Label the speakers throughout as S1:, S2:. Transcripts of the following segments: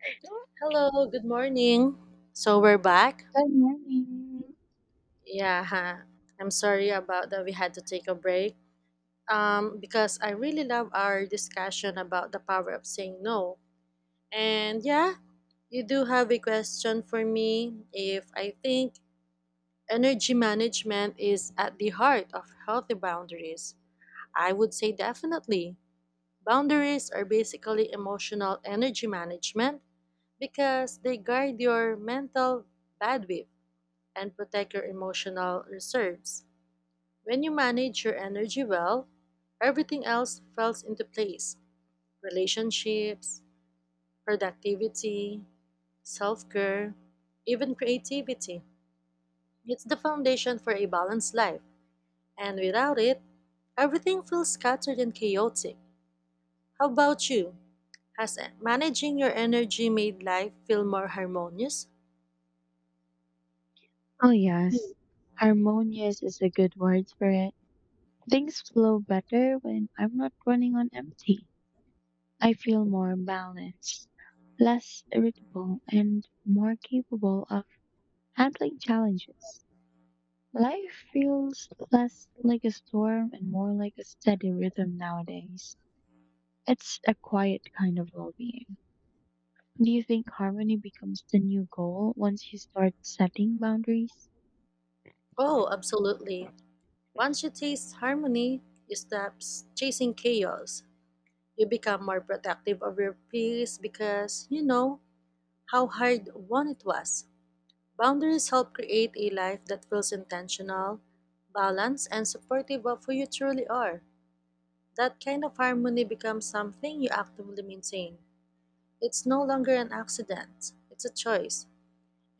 S1: Good
S2: Hello, good morning. So we're back.
S1: morning.
S2: Yeah, huh. I'm sorry about that we had to take a break. Because I really love our discussion about the power of saying no. And yeah, you do have a question for me if I think energy management is at the heart of healthy boundaries. I would say definitely. Boundaries are basically emotional energy management because they guide your mental bandwidth and protect your emotional reserves. When you manage your energy well, everything else falls into place relationships, productivity, self care, even creativity. It's the foundation for a balanced life, and without it, everything feels scattered and chaotic. How about you? Has managing your energy made life feel more harmonious?
S1: Oh, yes. Harmonious is a good word for it. Things flow better when I'm not running on empty. I feel more balanced, less irritable, and more capable of handling challenges. Life feels less like a storm and more like a steady rhythm nowadays. It's a quiet kind of well being. Do you think harmony becomes the new goal once you start setting boundaries?
S2: Oh, absolutely. Once you taste harmony, you stop chasing chaos. You become more protective of your peace because you know how hard one it was. Boundaries help create a life that feels intentional, balanced, and supportive of who you truly are. That kind of harmony becomes something you actively maintain. It's no longer an accident, it's a choice.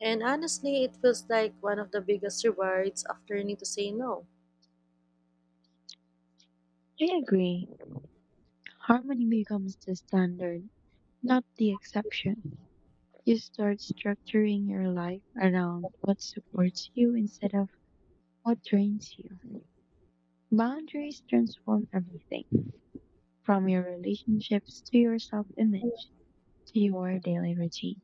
S2: And honestly, it feels like one of the biggest rewards of learning to say no.
S1: I agree. Harmony becomes the standard, not the exception. You start structuring your life around what supports you instead of what drains you. Boundaries transform everything from your relationships to your self image to your daily routine.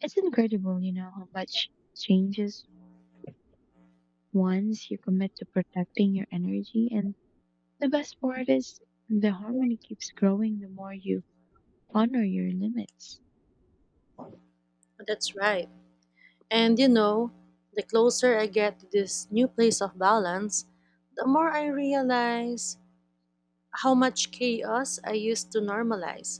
S1: It's incredible how much changes once you commit to protecting your energy. And the best part is the harmony keeps growing the more you honor your limits.
S2: That's right. And you know, the closer I get to this new place of balance, the more I realize how much chaos I used to normalize.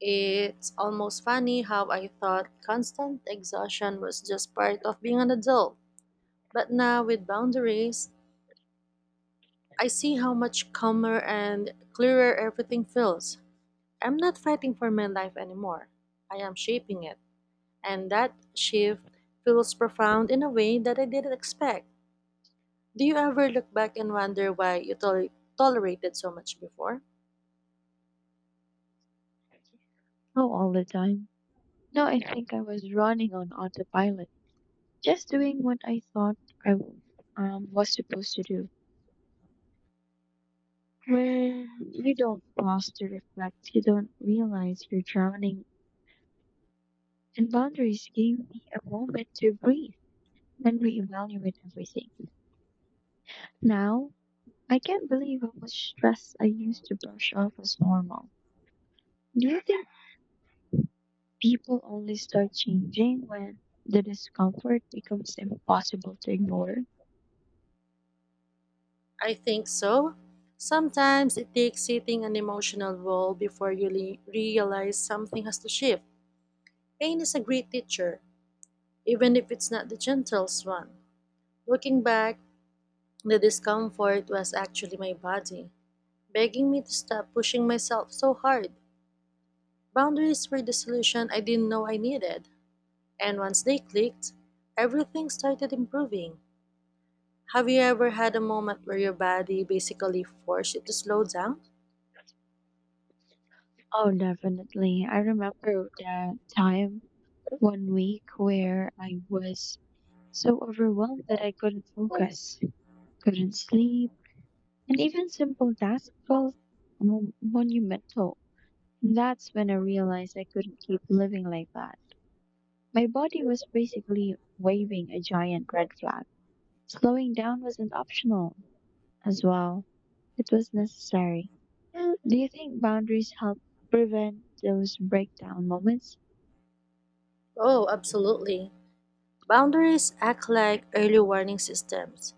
S2: It's almost funny how I thought constant exhaustion was just part of being an adult. But now, with boundaries, I see how much calmer and clearer everything feels. I'm not fighting for my life anymore, I am shaping it. And that shift feels profound in a way that I didn't expect. Do you ever look back and wonder why you tolerated so much before?
S1: Oh, all the time. No, I think I was running on autopilot, just doing what I thought I was supposed to do. When you don't pause to reflect, you don't realize you're drowning. And boundaries gave me a moment to breathe and reevaluate everything. Now, I can't believe how much stress I used to brush off as normal. Do you think people only start changing when the discomfort becomes impossible to ignore?
S2: I think so. Sometimes it takes hitting an emotional wall before you realize something has to shift. Pain is a great teacher, even if it's not the gentlest one. Looking back, the discomfort was actually my body, begging me to stop pushing myself so hard. Boundaries were the solution I didn't know I needed, and once they clicked, everything started improving. Have you ever had a moment where your body basically forced you to slow down?
S1: Oh, definitely. I remember that time 1 week where I was so overwhelmed that I couldn't focus, couldn't sleep, and even simple tasks felt monumental. That's when I realized I couldn't keep living like that. My body was basically waving a giant red flag. Slowing down wasn't optional as well, it was necessary. Do you think boundaries help prevent those breakdown moments?
S2: Oh, absolutely. Boundaries act like early warning systems.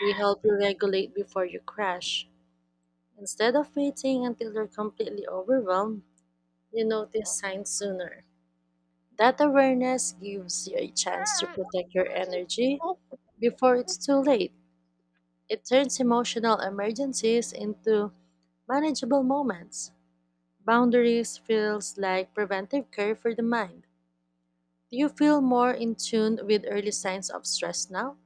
S2: They help you regulate before you crash. Instead of waiting until you're completely overwhelmed, you notice signs sooner. That awareness gives you a chance to protect your energy before it's too late. It turns emotional emergencies into manageable moments. Boundaries feels like preventive care for the mind. Do you feel more in tune with early signs of stress now?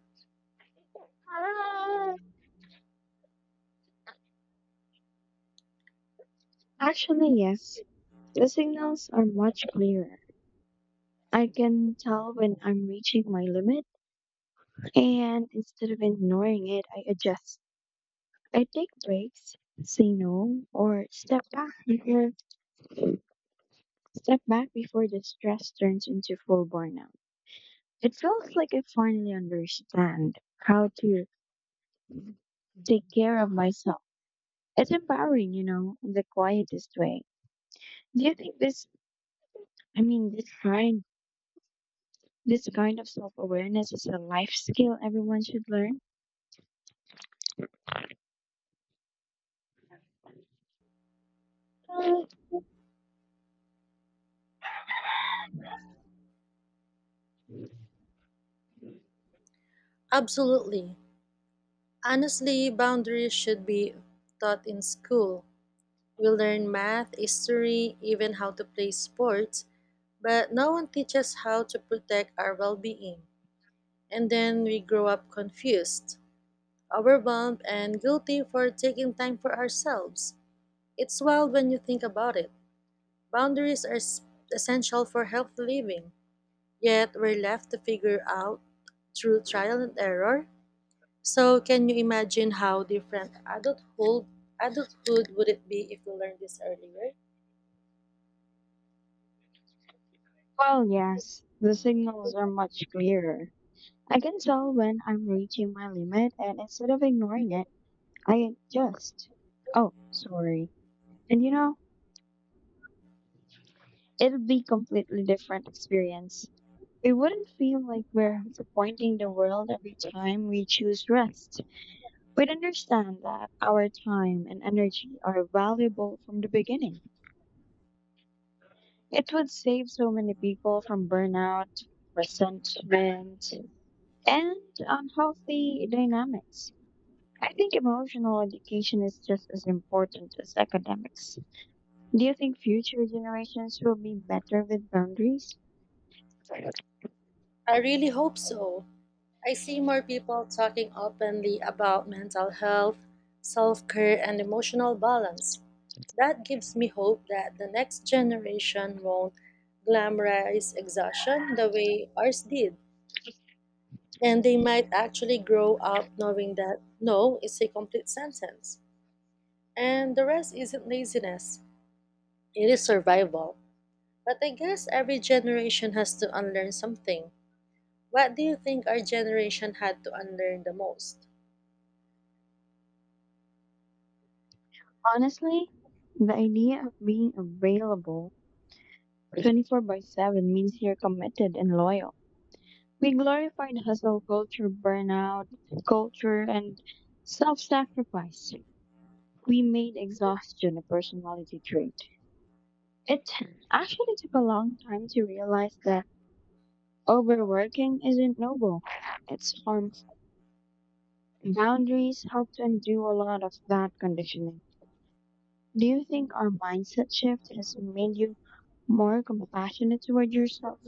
S1: Actually, yes. The signals are much clearer. I can tell when I'm reaching my limit, and instead of ignoring it, I adjust. I take breaks, say no, or step back before the stress turns into full burnout. It feels like I finally understand how to take care of myself. It's empowering in the quietest way. Do you think this, I mean, this kind of self awareness is a life skill everyone should learn. Mm,
S2: Absolutely. Honestly, boundaries should be taught in school. We learn math, history, even how to play sports, but no one teaches how to protect our well-being. And then we grow up confused, overwhelmed, and guilty for taking time for ourselves. It's wild when you think about it. Boundaries are essential for healthy living, yet we're left to figure out through trial and error. So, can you imagine how different adulthood would it be if we learned this earlier?
S1: Well, yes, the signals are much clearer. I can tell when I'm reaching my limit, and instead of ignoring it, I adjust. Oh, sorry. And it'll be completely different experience. It wouldn't feel like we're disappointing the world every time we choose rest. We'd understand that our time and energy are valuable from the beginning. It would save so many people from burnout, resentment, and unhealthy dynamics. I think emotional education is just as important as academics. Do you think future generations will be better with boundaries?
S2: I really hope so. I see more people talking openly about mental health, self-care, and emotional balance. That gives me hope that the next generation won't glamorize exhaustion the way ours did. And they might actually grow up knowing that no is a complete sentence. And the rest isn't laziness, it is survival. But I guess every generation has to unlearn something. What do you think our generation had to unlearn the most?
S1: Honestly, the idea of being available 24 by 7 means you're committed and loyal. We glorified hustle culture, burnout culture, and self sacrifice. We made exhaustion a personality trait. It actually took a long time to realize that overworking isn't noble. It's harmful. Boundaries help to undo a lot of that conditioning. Do you think our mindset shift has made you more compassionate toward yourself?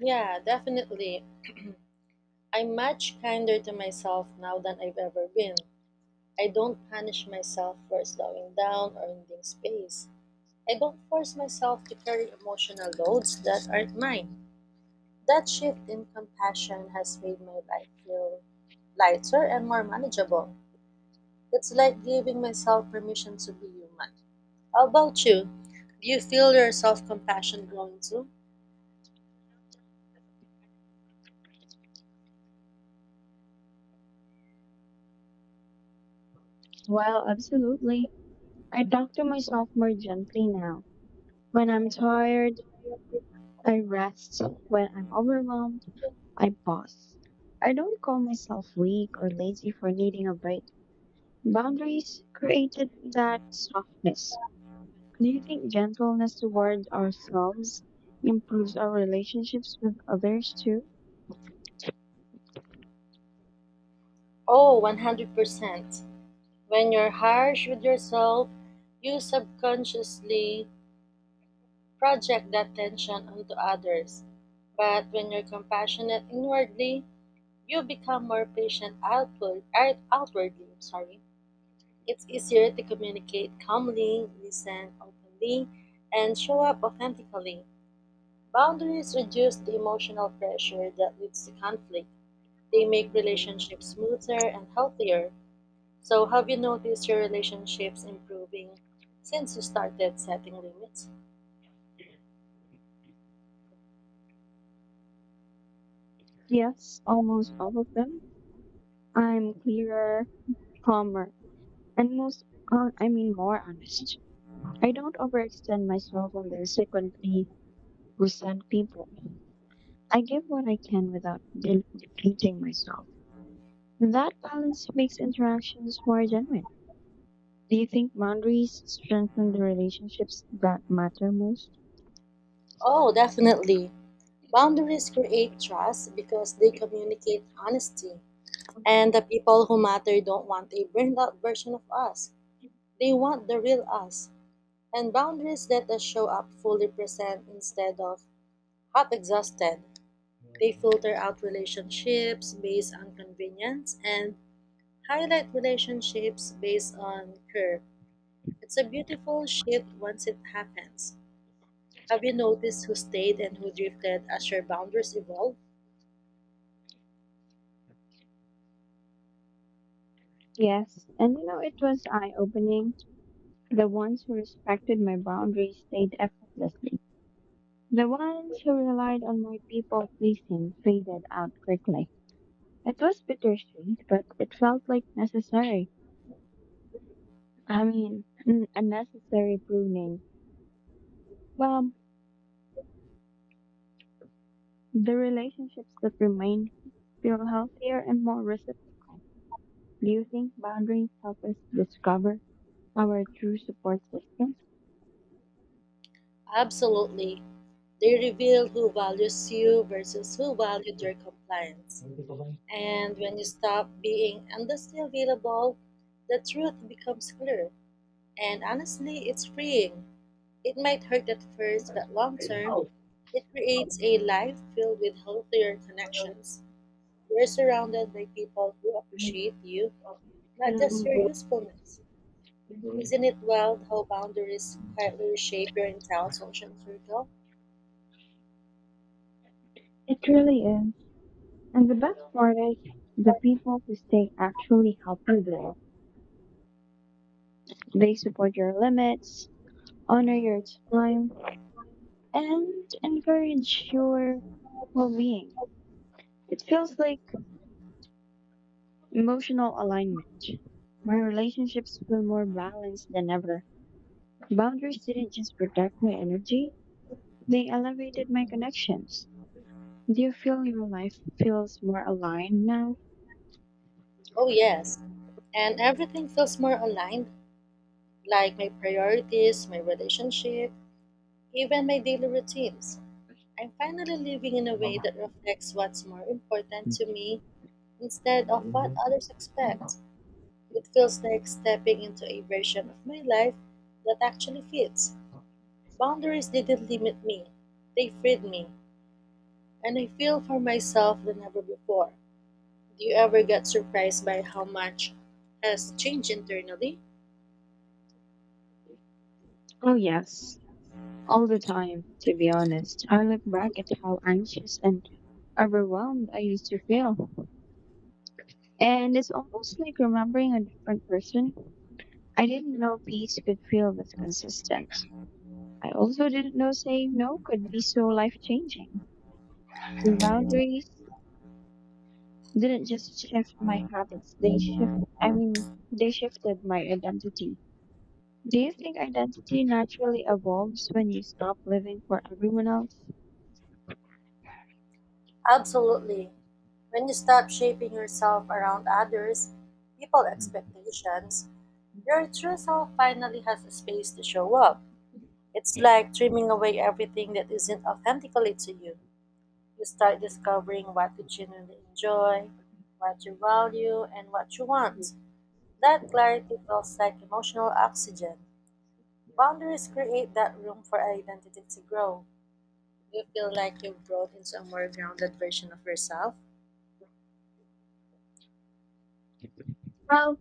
S2: Yeah, definitely. I'm much kinder to myself now than I've ever been. I don't punish myself for slowing down or needing space. I don't force myself to carry emotional loads that aren't mine. That shift in compassion has made my life feel lighter and more manageable. It's like giving myself permission to be human. How about you? Do you feel your self compassion growing too?
S1: Well, absolutely. I talk to myself more gently now. When I'm tired, I rest. When I'm overwhelmed, I pause. I don't call myself weak or lazy for needing a break. Boundaries created that softness. Do you think gentleness towards ourselves improves our relationships with others too?
S2: Oh, 100%. When you're harsh with yourself, you subconsciously project that tension onto others. But when you're compassionate inwardly, you become more patient outwardly. I'm sorry. It's easier to communicate calmly, listen openly, and show up authentically. Boundaries reduce the emotional pressure that leads to conflict. They make relationships smoother and healthier. So, have you noticed your relationships improving since you started setting limits?
S1: Yes, almost all of them. I'm clearer, calmer, and I mean, more honest. I don't overextend myself and then secondly resent people. I give what I can without depleting myself. That balance makes interactions more genuine. Do you think boundaries strengthen the relationships that matter most?
S2: Oh, definitely. Boundaries create trust because they communicate honesty. And the people who matter don't want a burned out version of us. They want the real us. And boundaries that us show up fully present instead of half exhausted. They filter out relationships based on convenience and highlight relationships based on care. It's a beautiful shift once it happens. Have you noticed who stayed and who drifted as your boundaries evolved?
S1: Yes, and it was eye opening. The ones who respected my boundaries stayed effortlessly. The ones who relied on my people pleasing faded out quickly. It was bittersweet, but it felt like necessary. I mean, a necessary pruning. Well, the relationships that remain feel healthier and more reciprocal. Do you think boundaries help us discover our true support system?
S2: Absolutely. They reveal who values you versus who valued your compliance. And when you stop being endlessly available, the truth becomes clear. And honestly, it's freeing. It might hurt at first, but long term, it creates a life filled with healthier connections. You're surrounded by people who appreciate you, not just your usefulness. Isn't it wild how boundaries quietly reshape your entire social circle?
S1: It really is. And the best part is the people who stay actually help you grow. They support your limits, honor your time, and encourage your well being. It feels like emotional alignment. My relationships feel more balanced than ever. Boundaries didn't just protect my energy, they elevated my connections. Do you feel your life feels more aligned now?
S2: Oh, yes. And everything feels more aligned, like my priorities, my relationship, even my daily routines. I'm finally living in a way that reflects what's more important to me instead of what others expect. It feels like stepping into a version of my life that actually fits. Boundaries didn't limit me, they freed me, and I feel for myself than ever before. Do you ever get surprised by how much has changed internally?
S1: Oh, yes, all the time, to be honest. I look back at how anxious and overwhelmed I used to feel. And it's almost like remembering a different person. I didn't know peace could feel this consistent. I also didn't know saying no could be so life changing. Boundaries didn't just shift my habits, they shift I mean they shifted my identity. Do you think identity naturally evolves when you stop living for everyone else?
S2: Absolutely. When you stop shaping yourself around others, people's expectations, your true self finally has a space to show up. It's like trimming away everything that isn't authentically to you. You start discovering what you genuinely enjoy, what you value, and what you want. That clarity feels like emotional oxygen. Boundaries create that room for identity to grow. You feel like you've grown into a more grounded version of yourself.
S1: Well,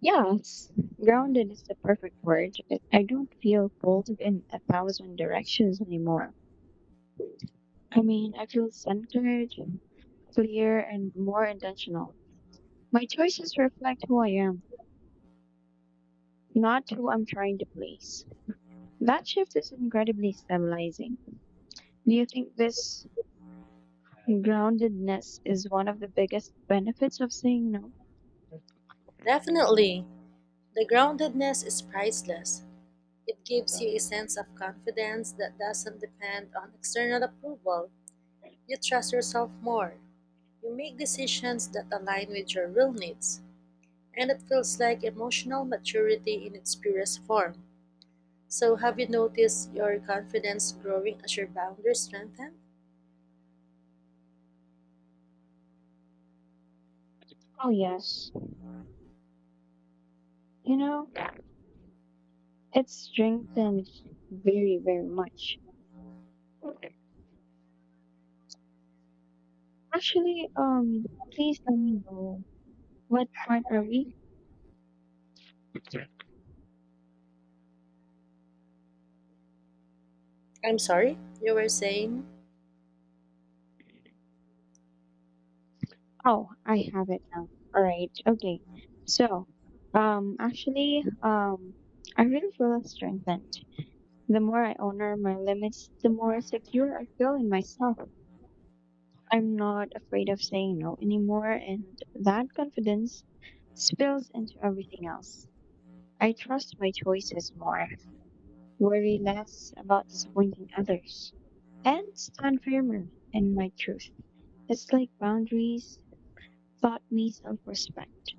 S1: yes. Grounded is the perfect word. I don't feel pulled in a thousand directions anymore. I mean, I feel centered, clear, and more intentional. My choices reflect who I am, not who I'm trying to please. That shift is incredibly stabilizing. Do you think this groundedness is one of the biggest benefits of saying no?
S2: Definitely. The groundedness is priceless. It gives you a sense of confidence that doesn't depend on external approval. You trust yourself more. You make decisions that align with your real needs. And it feels like emotional maturity in its purest form. So, have you noticed your confidence growing as your boundaries strengthen?
S1: Oh, yes. You know, it's strengthened very, very much. Actually, please let me know what part are we?
S2: I'm sorry, you were saying?
S1: Oh, I have it now. All right. Okay. So, actually, I really feel strengthened. The more I honor my limits, the more secure I feel in myself. I'm not afraid of saying no anymore, and that confidence spills into everything else. I trust my choices more, worry less about disappointing others, and stand firmer in my truth. It's like boundaries taught me self respect.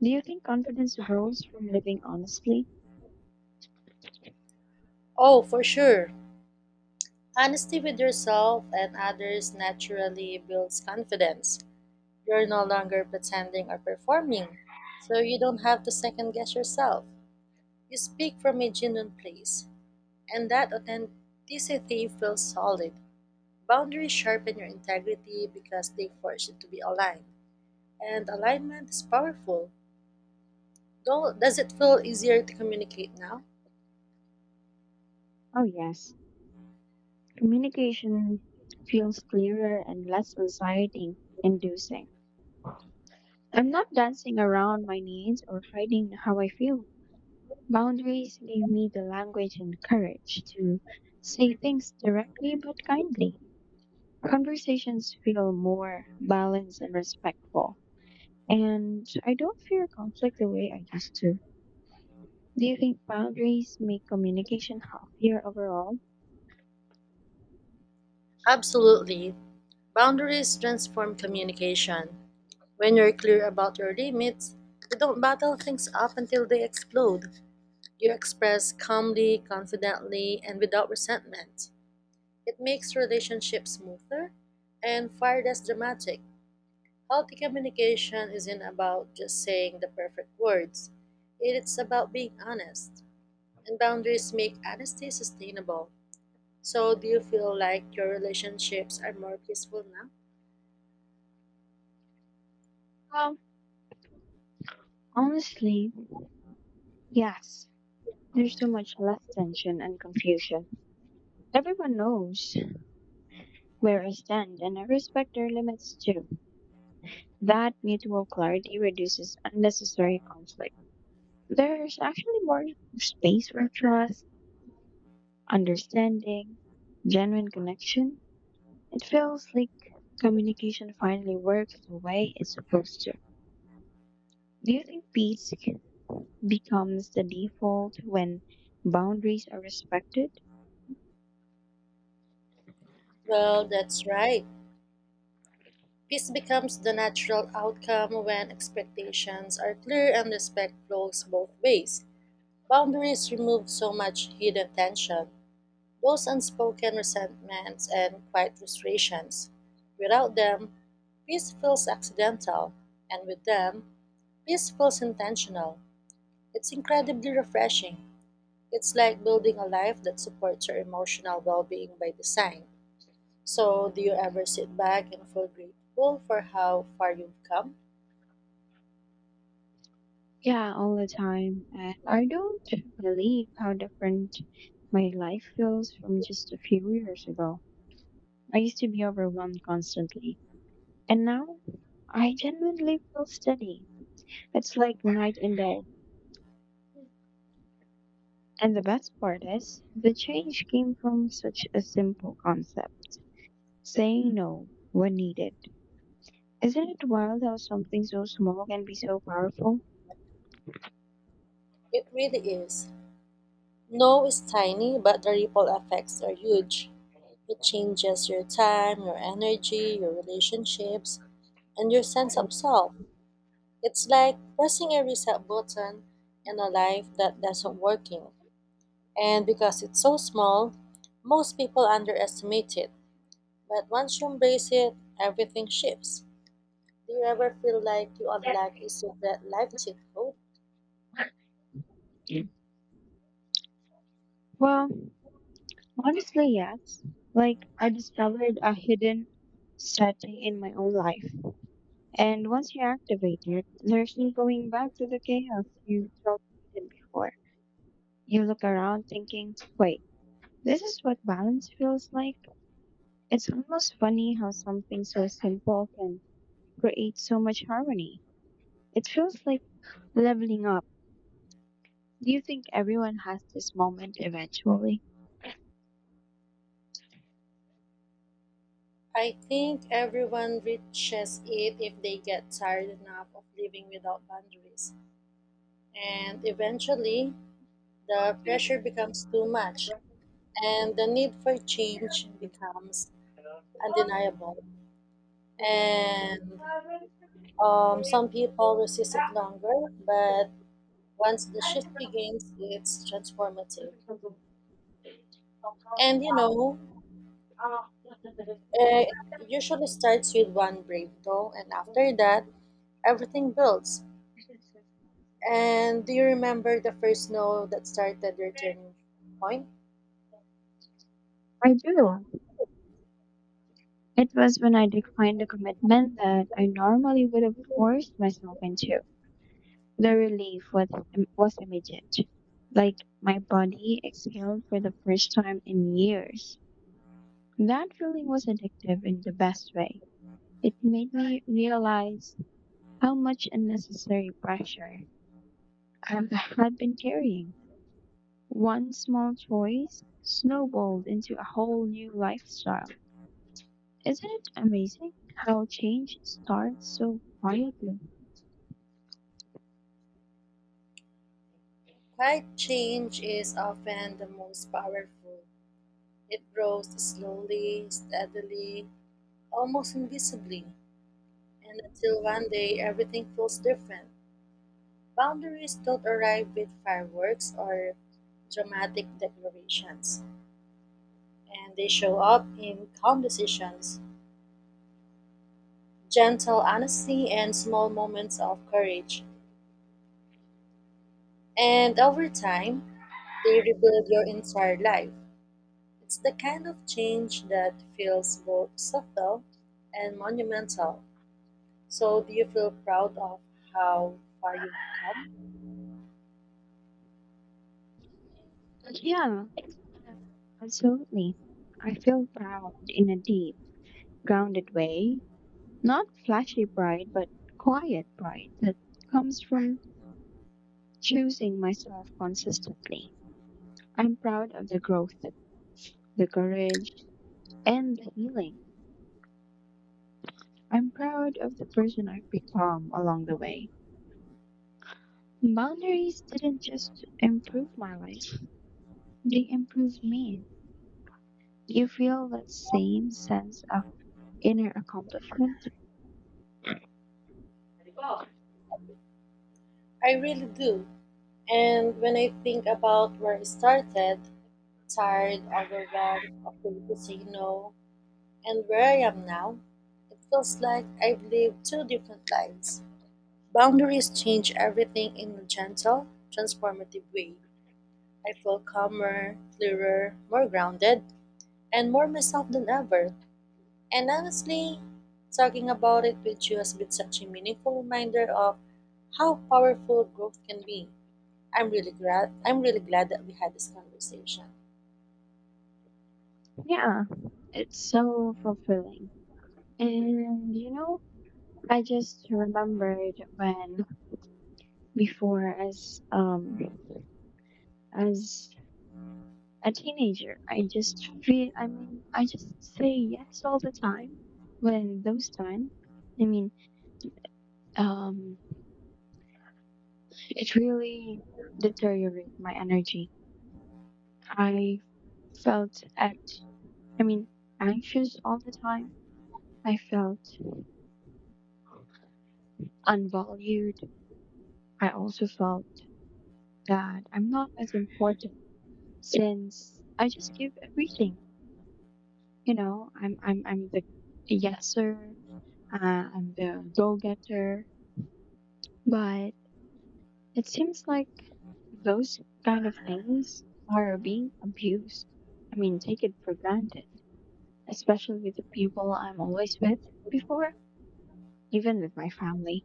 S1: Do you think confidence grows from living honestly?
S2: Oh, for sure. Honesty with yourself and others naturally builds confidence. You're no longer pretending or performing, so you don't have to second guess yourself. You speak from a genuine place, and that authenticity feels solid. Boundaries sharpen your integrity because they force you to be aligned, and alignment is powerful. Though, does it feel easier to communicate now?
S1: Oh, yes. Communication feels clearer and less anxiety inducing. I'm not dancing around my needs or hiding how I feel. Boundaries give me the language and courage to say things directly but kindly. Conversations feel more balanced and respectful. And I don't fear conflict the way I used to. Do you think boundaries make communication healthier overall?
S2: Absolutely. Boundaries transform communication. When you're clear about your limits, you don't battle things up until they explode. You express calmly, confidently, and without resentment. It makes relationships smoother and far less dramatic. Healthy communication isn't about just saying the perfect words, it's about being honest. And boundaries make honesty sustainable. So, do you feel like your relationships are more peaceful now?
S1: Well, honestly, yes. There's so much less tension and confusion. Everyone knows where I stand, and I respect their limits too. That mutual clarity reduces unnecessary conflict. There's actually more space for trust, understanding, genuine connection. It feels like communication finally works the way it's supposed to. Do you think peace becomes the default when boundaries are respected?
S2: Well, that's right. Peace becomes the natural outcome when expectations are clear and respect flows both ways. Boundaries remove so much hidden tension, those unspoken resentments and quiet frustrations. Without them, peace feels accidental, and with them, peace feels intentional. It's incredibly refreshing. It's like building a life that supports your emotional well being by design. So, do you ever sit back and feel grateful for how far you've come?
S1: Yeah, all the time. And I don't believe how different my life feels from just a few years ago. I used to be overwhelmed constantly. And now I genuinely feel steady. It's like night and day. And the best part is, the change came from such a simple concept, saying no when needed. Isn't it wild how something so small can be so powerful?
S2: It really is. No is tiny, but the ripple effects are huge. It changes your time, your energy, your relationships, and your sense of self. It's like pressing a reset button in a life that doesn't working. And because it's so small, most people underestimate it. But once you embrace it, everything shifts. Do you ever feel like you unlock a secret life cheat code?
S1: Well, honestly, yes. Like, I discovered a hidden strategy in my own life. And once you activate it, there's no going back to the chaos you tolerated before. You look around thinking, wait, this is what balance feels like? It's almost funny how something so simple can create so much harmony. It feels like leveling up. Do you think everyone has this moment eventually?
S2: I think everyone reaches it if they get tired enough of living without boundaries. And eventually, the pressure becomes too much, and the need for change becomes undeniable. And some people resist it longer, but once the shift begins, it's transformative. And eh, it usually starts with one brave, though, and after that, everything builds. And do you remember the first snow that started your turning point?
S1: I do. It was when I declined a commitment that I normally would have forced myself into. The relief was immediate. Like my body exhaled for the first time in years. That feeling was addictive in the best way. It made me realize how much unnecessary pressure I had been carrying. One small choice snowballed into a whole new lifestyle. Isn't it amazing how change starts so quietly?
S2: Quiet change is often the most powerful. It grows slowly, steadily, almost invisibly, and until one day everything feels different. Boundaries don't arrive with fireworks or dramatic declarations, and they show up in calm decisions, gentle honesty, and small moments of courage. And over time, they rebuild your entire life. It's the kind of change that feels both subtle and monumental. So, do you feel proud of how far you've come?
S1: Yeah, absolutely. I feel proud in a deep, grounded way. Not flashy pride, but quiet pride that comes from choosing myself consistently. I'm proud of the growth, the courage, and the healing. I'm proud of the person I've become along the way. Boundaries didn't just improve my life, they improved me. Do you feel that same sense of inner accomplishment?
S2: I really do. And when I think about where I started, tired, overwhelmed, afraid to say no, and where I am now, it feels like I've lived two different lives. Boundaries change everything in a gentle, transformative way. I feel calmer, clearer, more grounded, and more myself than ever. And honestly, talking about it with you has been such a meaningful reminder of how powerful growth can be. I'm really glad. I'm really glad that we had this conversation.
S1: Yeah, it's so fulfilling. And you know, I just remembered when before as a teenager, I mean, I just say yes all the time. When those time, I mean, um it really deteriorated my energy. I felt at I mean anxious all the time. I felt unvalued. I also felt that I'm not as important since I just give everything. You know, I'm the yeser, uh, I'm the go getter. But it seems like those kind of things are being abused. I mean, take it for granted, especially with the people I'm always with before, even with my family.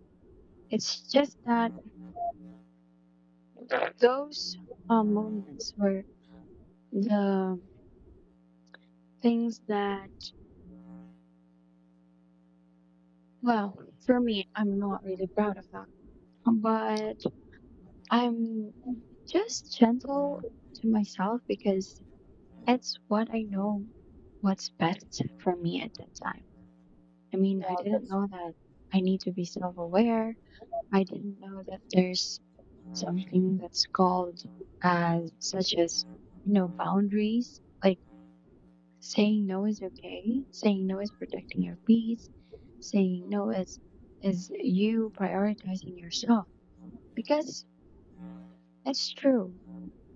S1: It's just that those moments were the things that. Well, for me, I'm not really proud of that. But I'm just gentle to myself because
S2: Mhm.
S1: it's what I know what's best for me at that time. I mean, I
S2: Well,
S1: didn't
S2: that's
S1: know that I need to be self aware. I didn't know that there's something that's called as such as boundaries. Like saying no is okay. Saying no is protecting your peace. Saying no is you prioritizing yourself. Because it's true.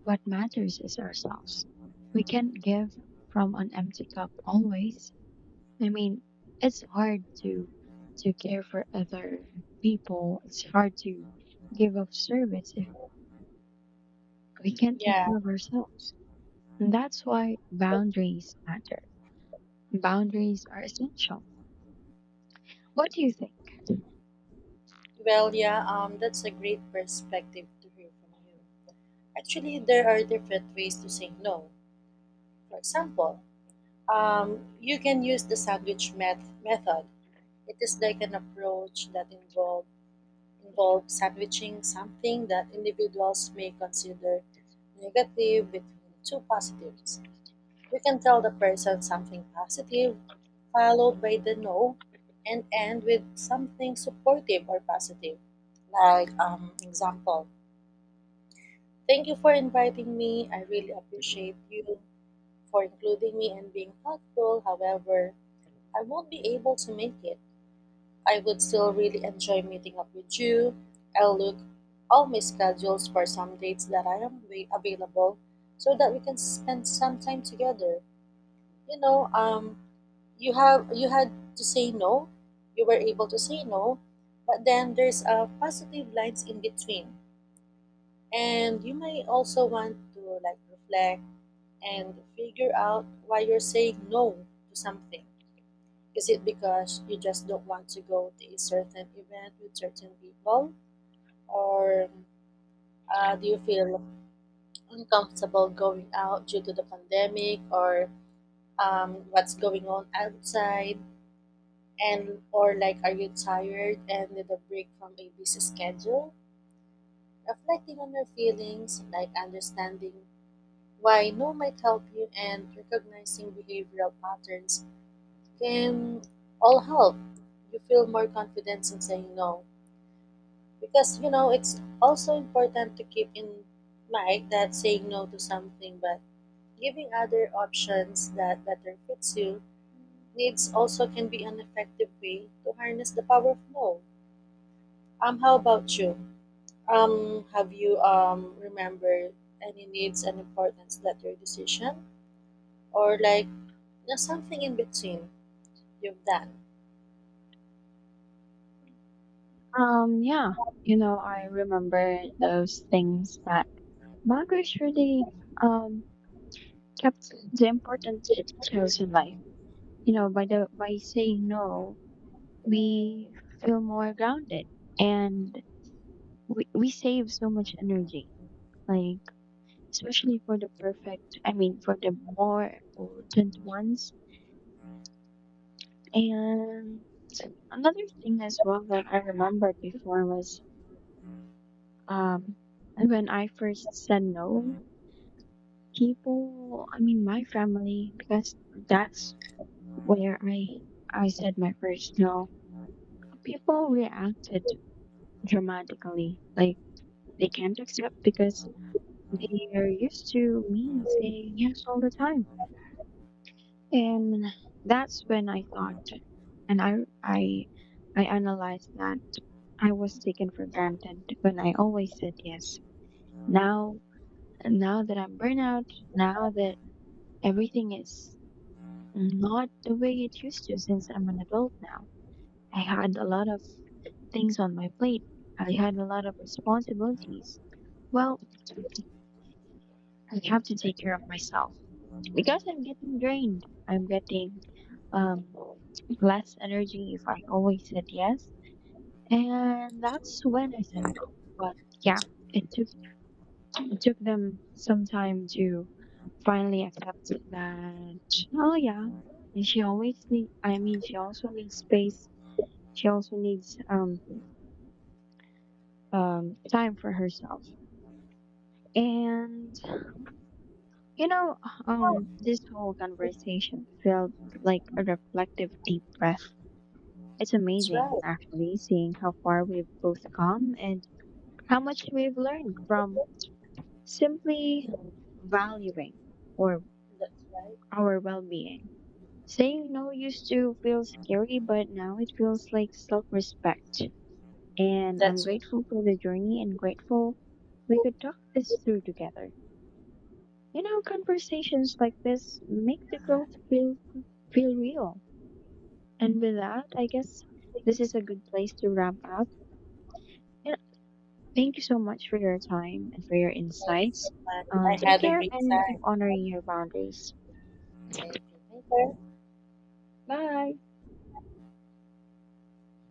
S1: What matters is ourselves. We can't give from an empty cup always. I mean, it's hard to care for other people. It's hard to give of service if we can't take
S2: Yeah.
S1: care of ourselves. And that's why boundaries matter. Boundaries are essential. What do you think?
S2: Well, yeah. That's a great perspective to hear from you. Actually, there are different ways to say no. For example, you can use the sandwich method. It is like an approach that involves sandwiching something that individuals may consider negative between two positives. We can tell the person something positive, followed by the no, and end with something supportive or positive. Like example, thank you for inviting me. I really appreciate you for including me and being thoughtful. However, I won't be able to make it. I would still really enjoy meeting up with you. I'll look all my schedules for some dates that I am available so that we can spend some time together. You know, you have you had to say no. You were able to say no, but then there's positive lines in between. And you may also want to like reflect and figure out why you're saying no to something. Is it because you just don't want to go to a certain event with certain people? Or do you feel uncomfortable going out due to the pandemic or what's going on outside? And or like, are you tired and need a break from a busy schedule? Reflecting on your feelings, like understanding why no might help you and recognizing behavioral patterns can all help you feel more confidence in saying no. Because you know, it's also important to keep in mind that saying no to something but giving other options that better fits you needs also can be an effective way to harness the power of no. How about you? Have you remembered any needs and importance that your decision or like something in between you've done?
S1: Yeah, you know, I remember those things that boundaries really um Captain, the important it tells in life. You know, by the by saying no, we feel more grounded and we save so much energy. Like especially for the perfect I mean for the more potent ones. And another thing as well that I remembered before was um when I first said no, people I mean my family because that's where I said my first no, people reacted dramatically. Like they can't accept because they are used to me saying yes all the time. And that's when I thought and I I analyzed that I was taken for granted when I always said yes. Now now that I'm burnout, now that everything is not the way it used to since I'm an adult now. I had a lot of things on my plate. I had a lot of responsibilities. Well, I have to take care of myself because I'm getting drained. I'm getting um, less energy if I always said yes. And that's when I said no. But yeah, it took it took them some time to finally accept that. Oh yeah, and she always need. I mean, she also needs space. She also needs time for herself. And you know, this whole conversation felt like a reflective deep breath. It's
S2: That's
S1: amazing,
S2: right.
S1: actually, seeing how far we've both come and how much we've learned from simply valuing or
S2: That's right.
S1: our well-being. Saying no used to feel scary, but now it feels like self-respect. And I'm
S2: That's right.
S1: grateful for the journey and grateful we
S2: So,
S1: could talk this through together. You know, conversations like this make the growth feel real. And with that, I guess
S2: thank
S1: this is a good place to wrap up. And thank you so much for your time and for your
S2: you
S1: insights.
S2: so much. I
S1: Take
S2: had a
S1: care
S2: great
S1: and keep
S2: time.
S1: honoring your boundaries.
S2: Thank you. Thank you.
S1: Bye.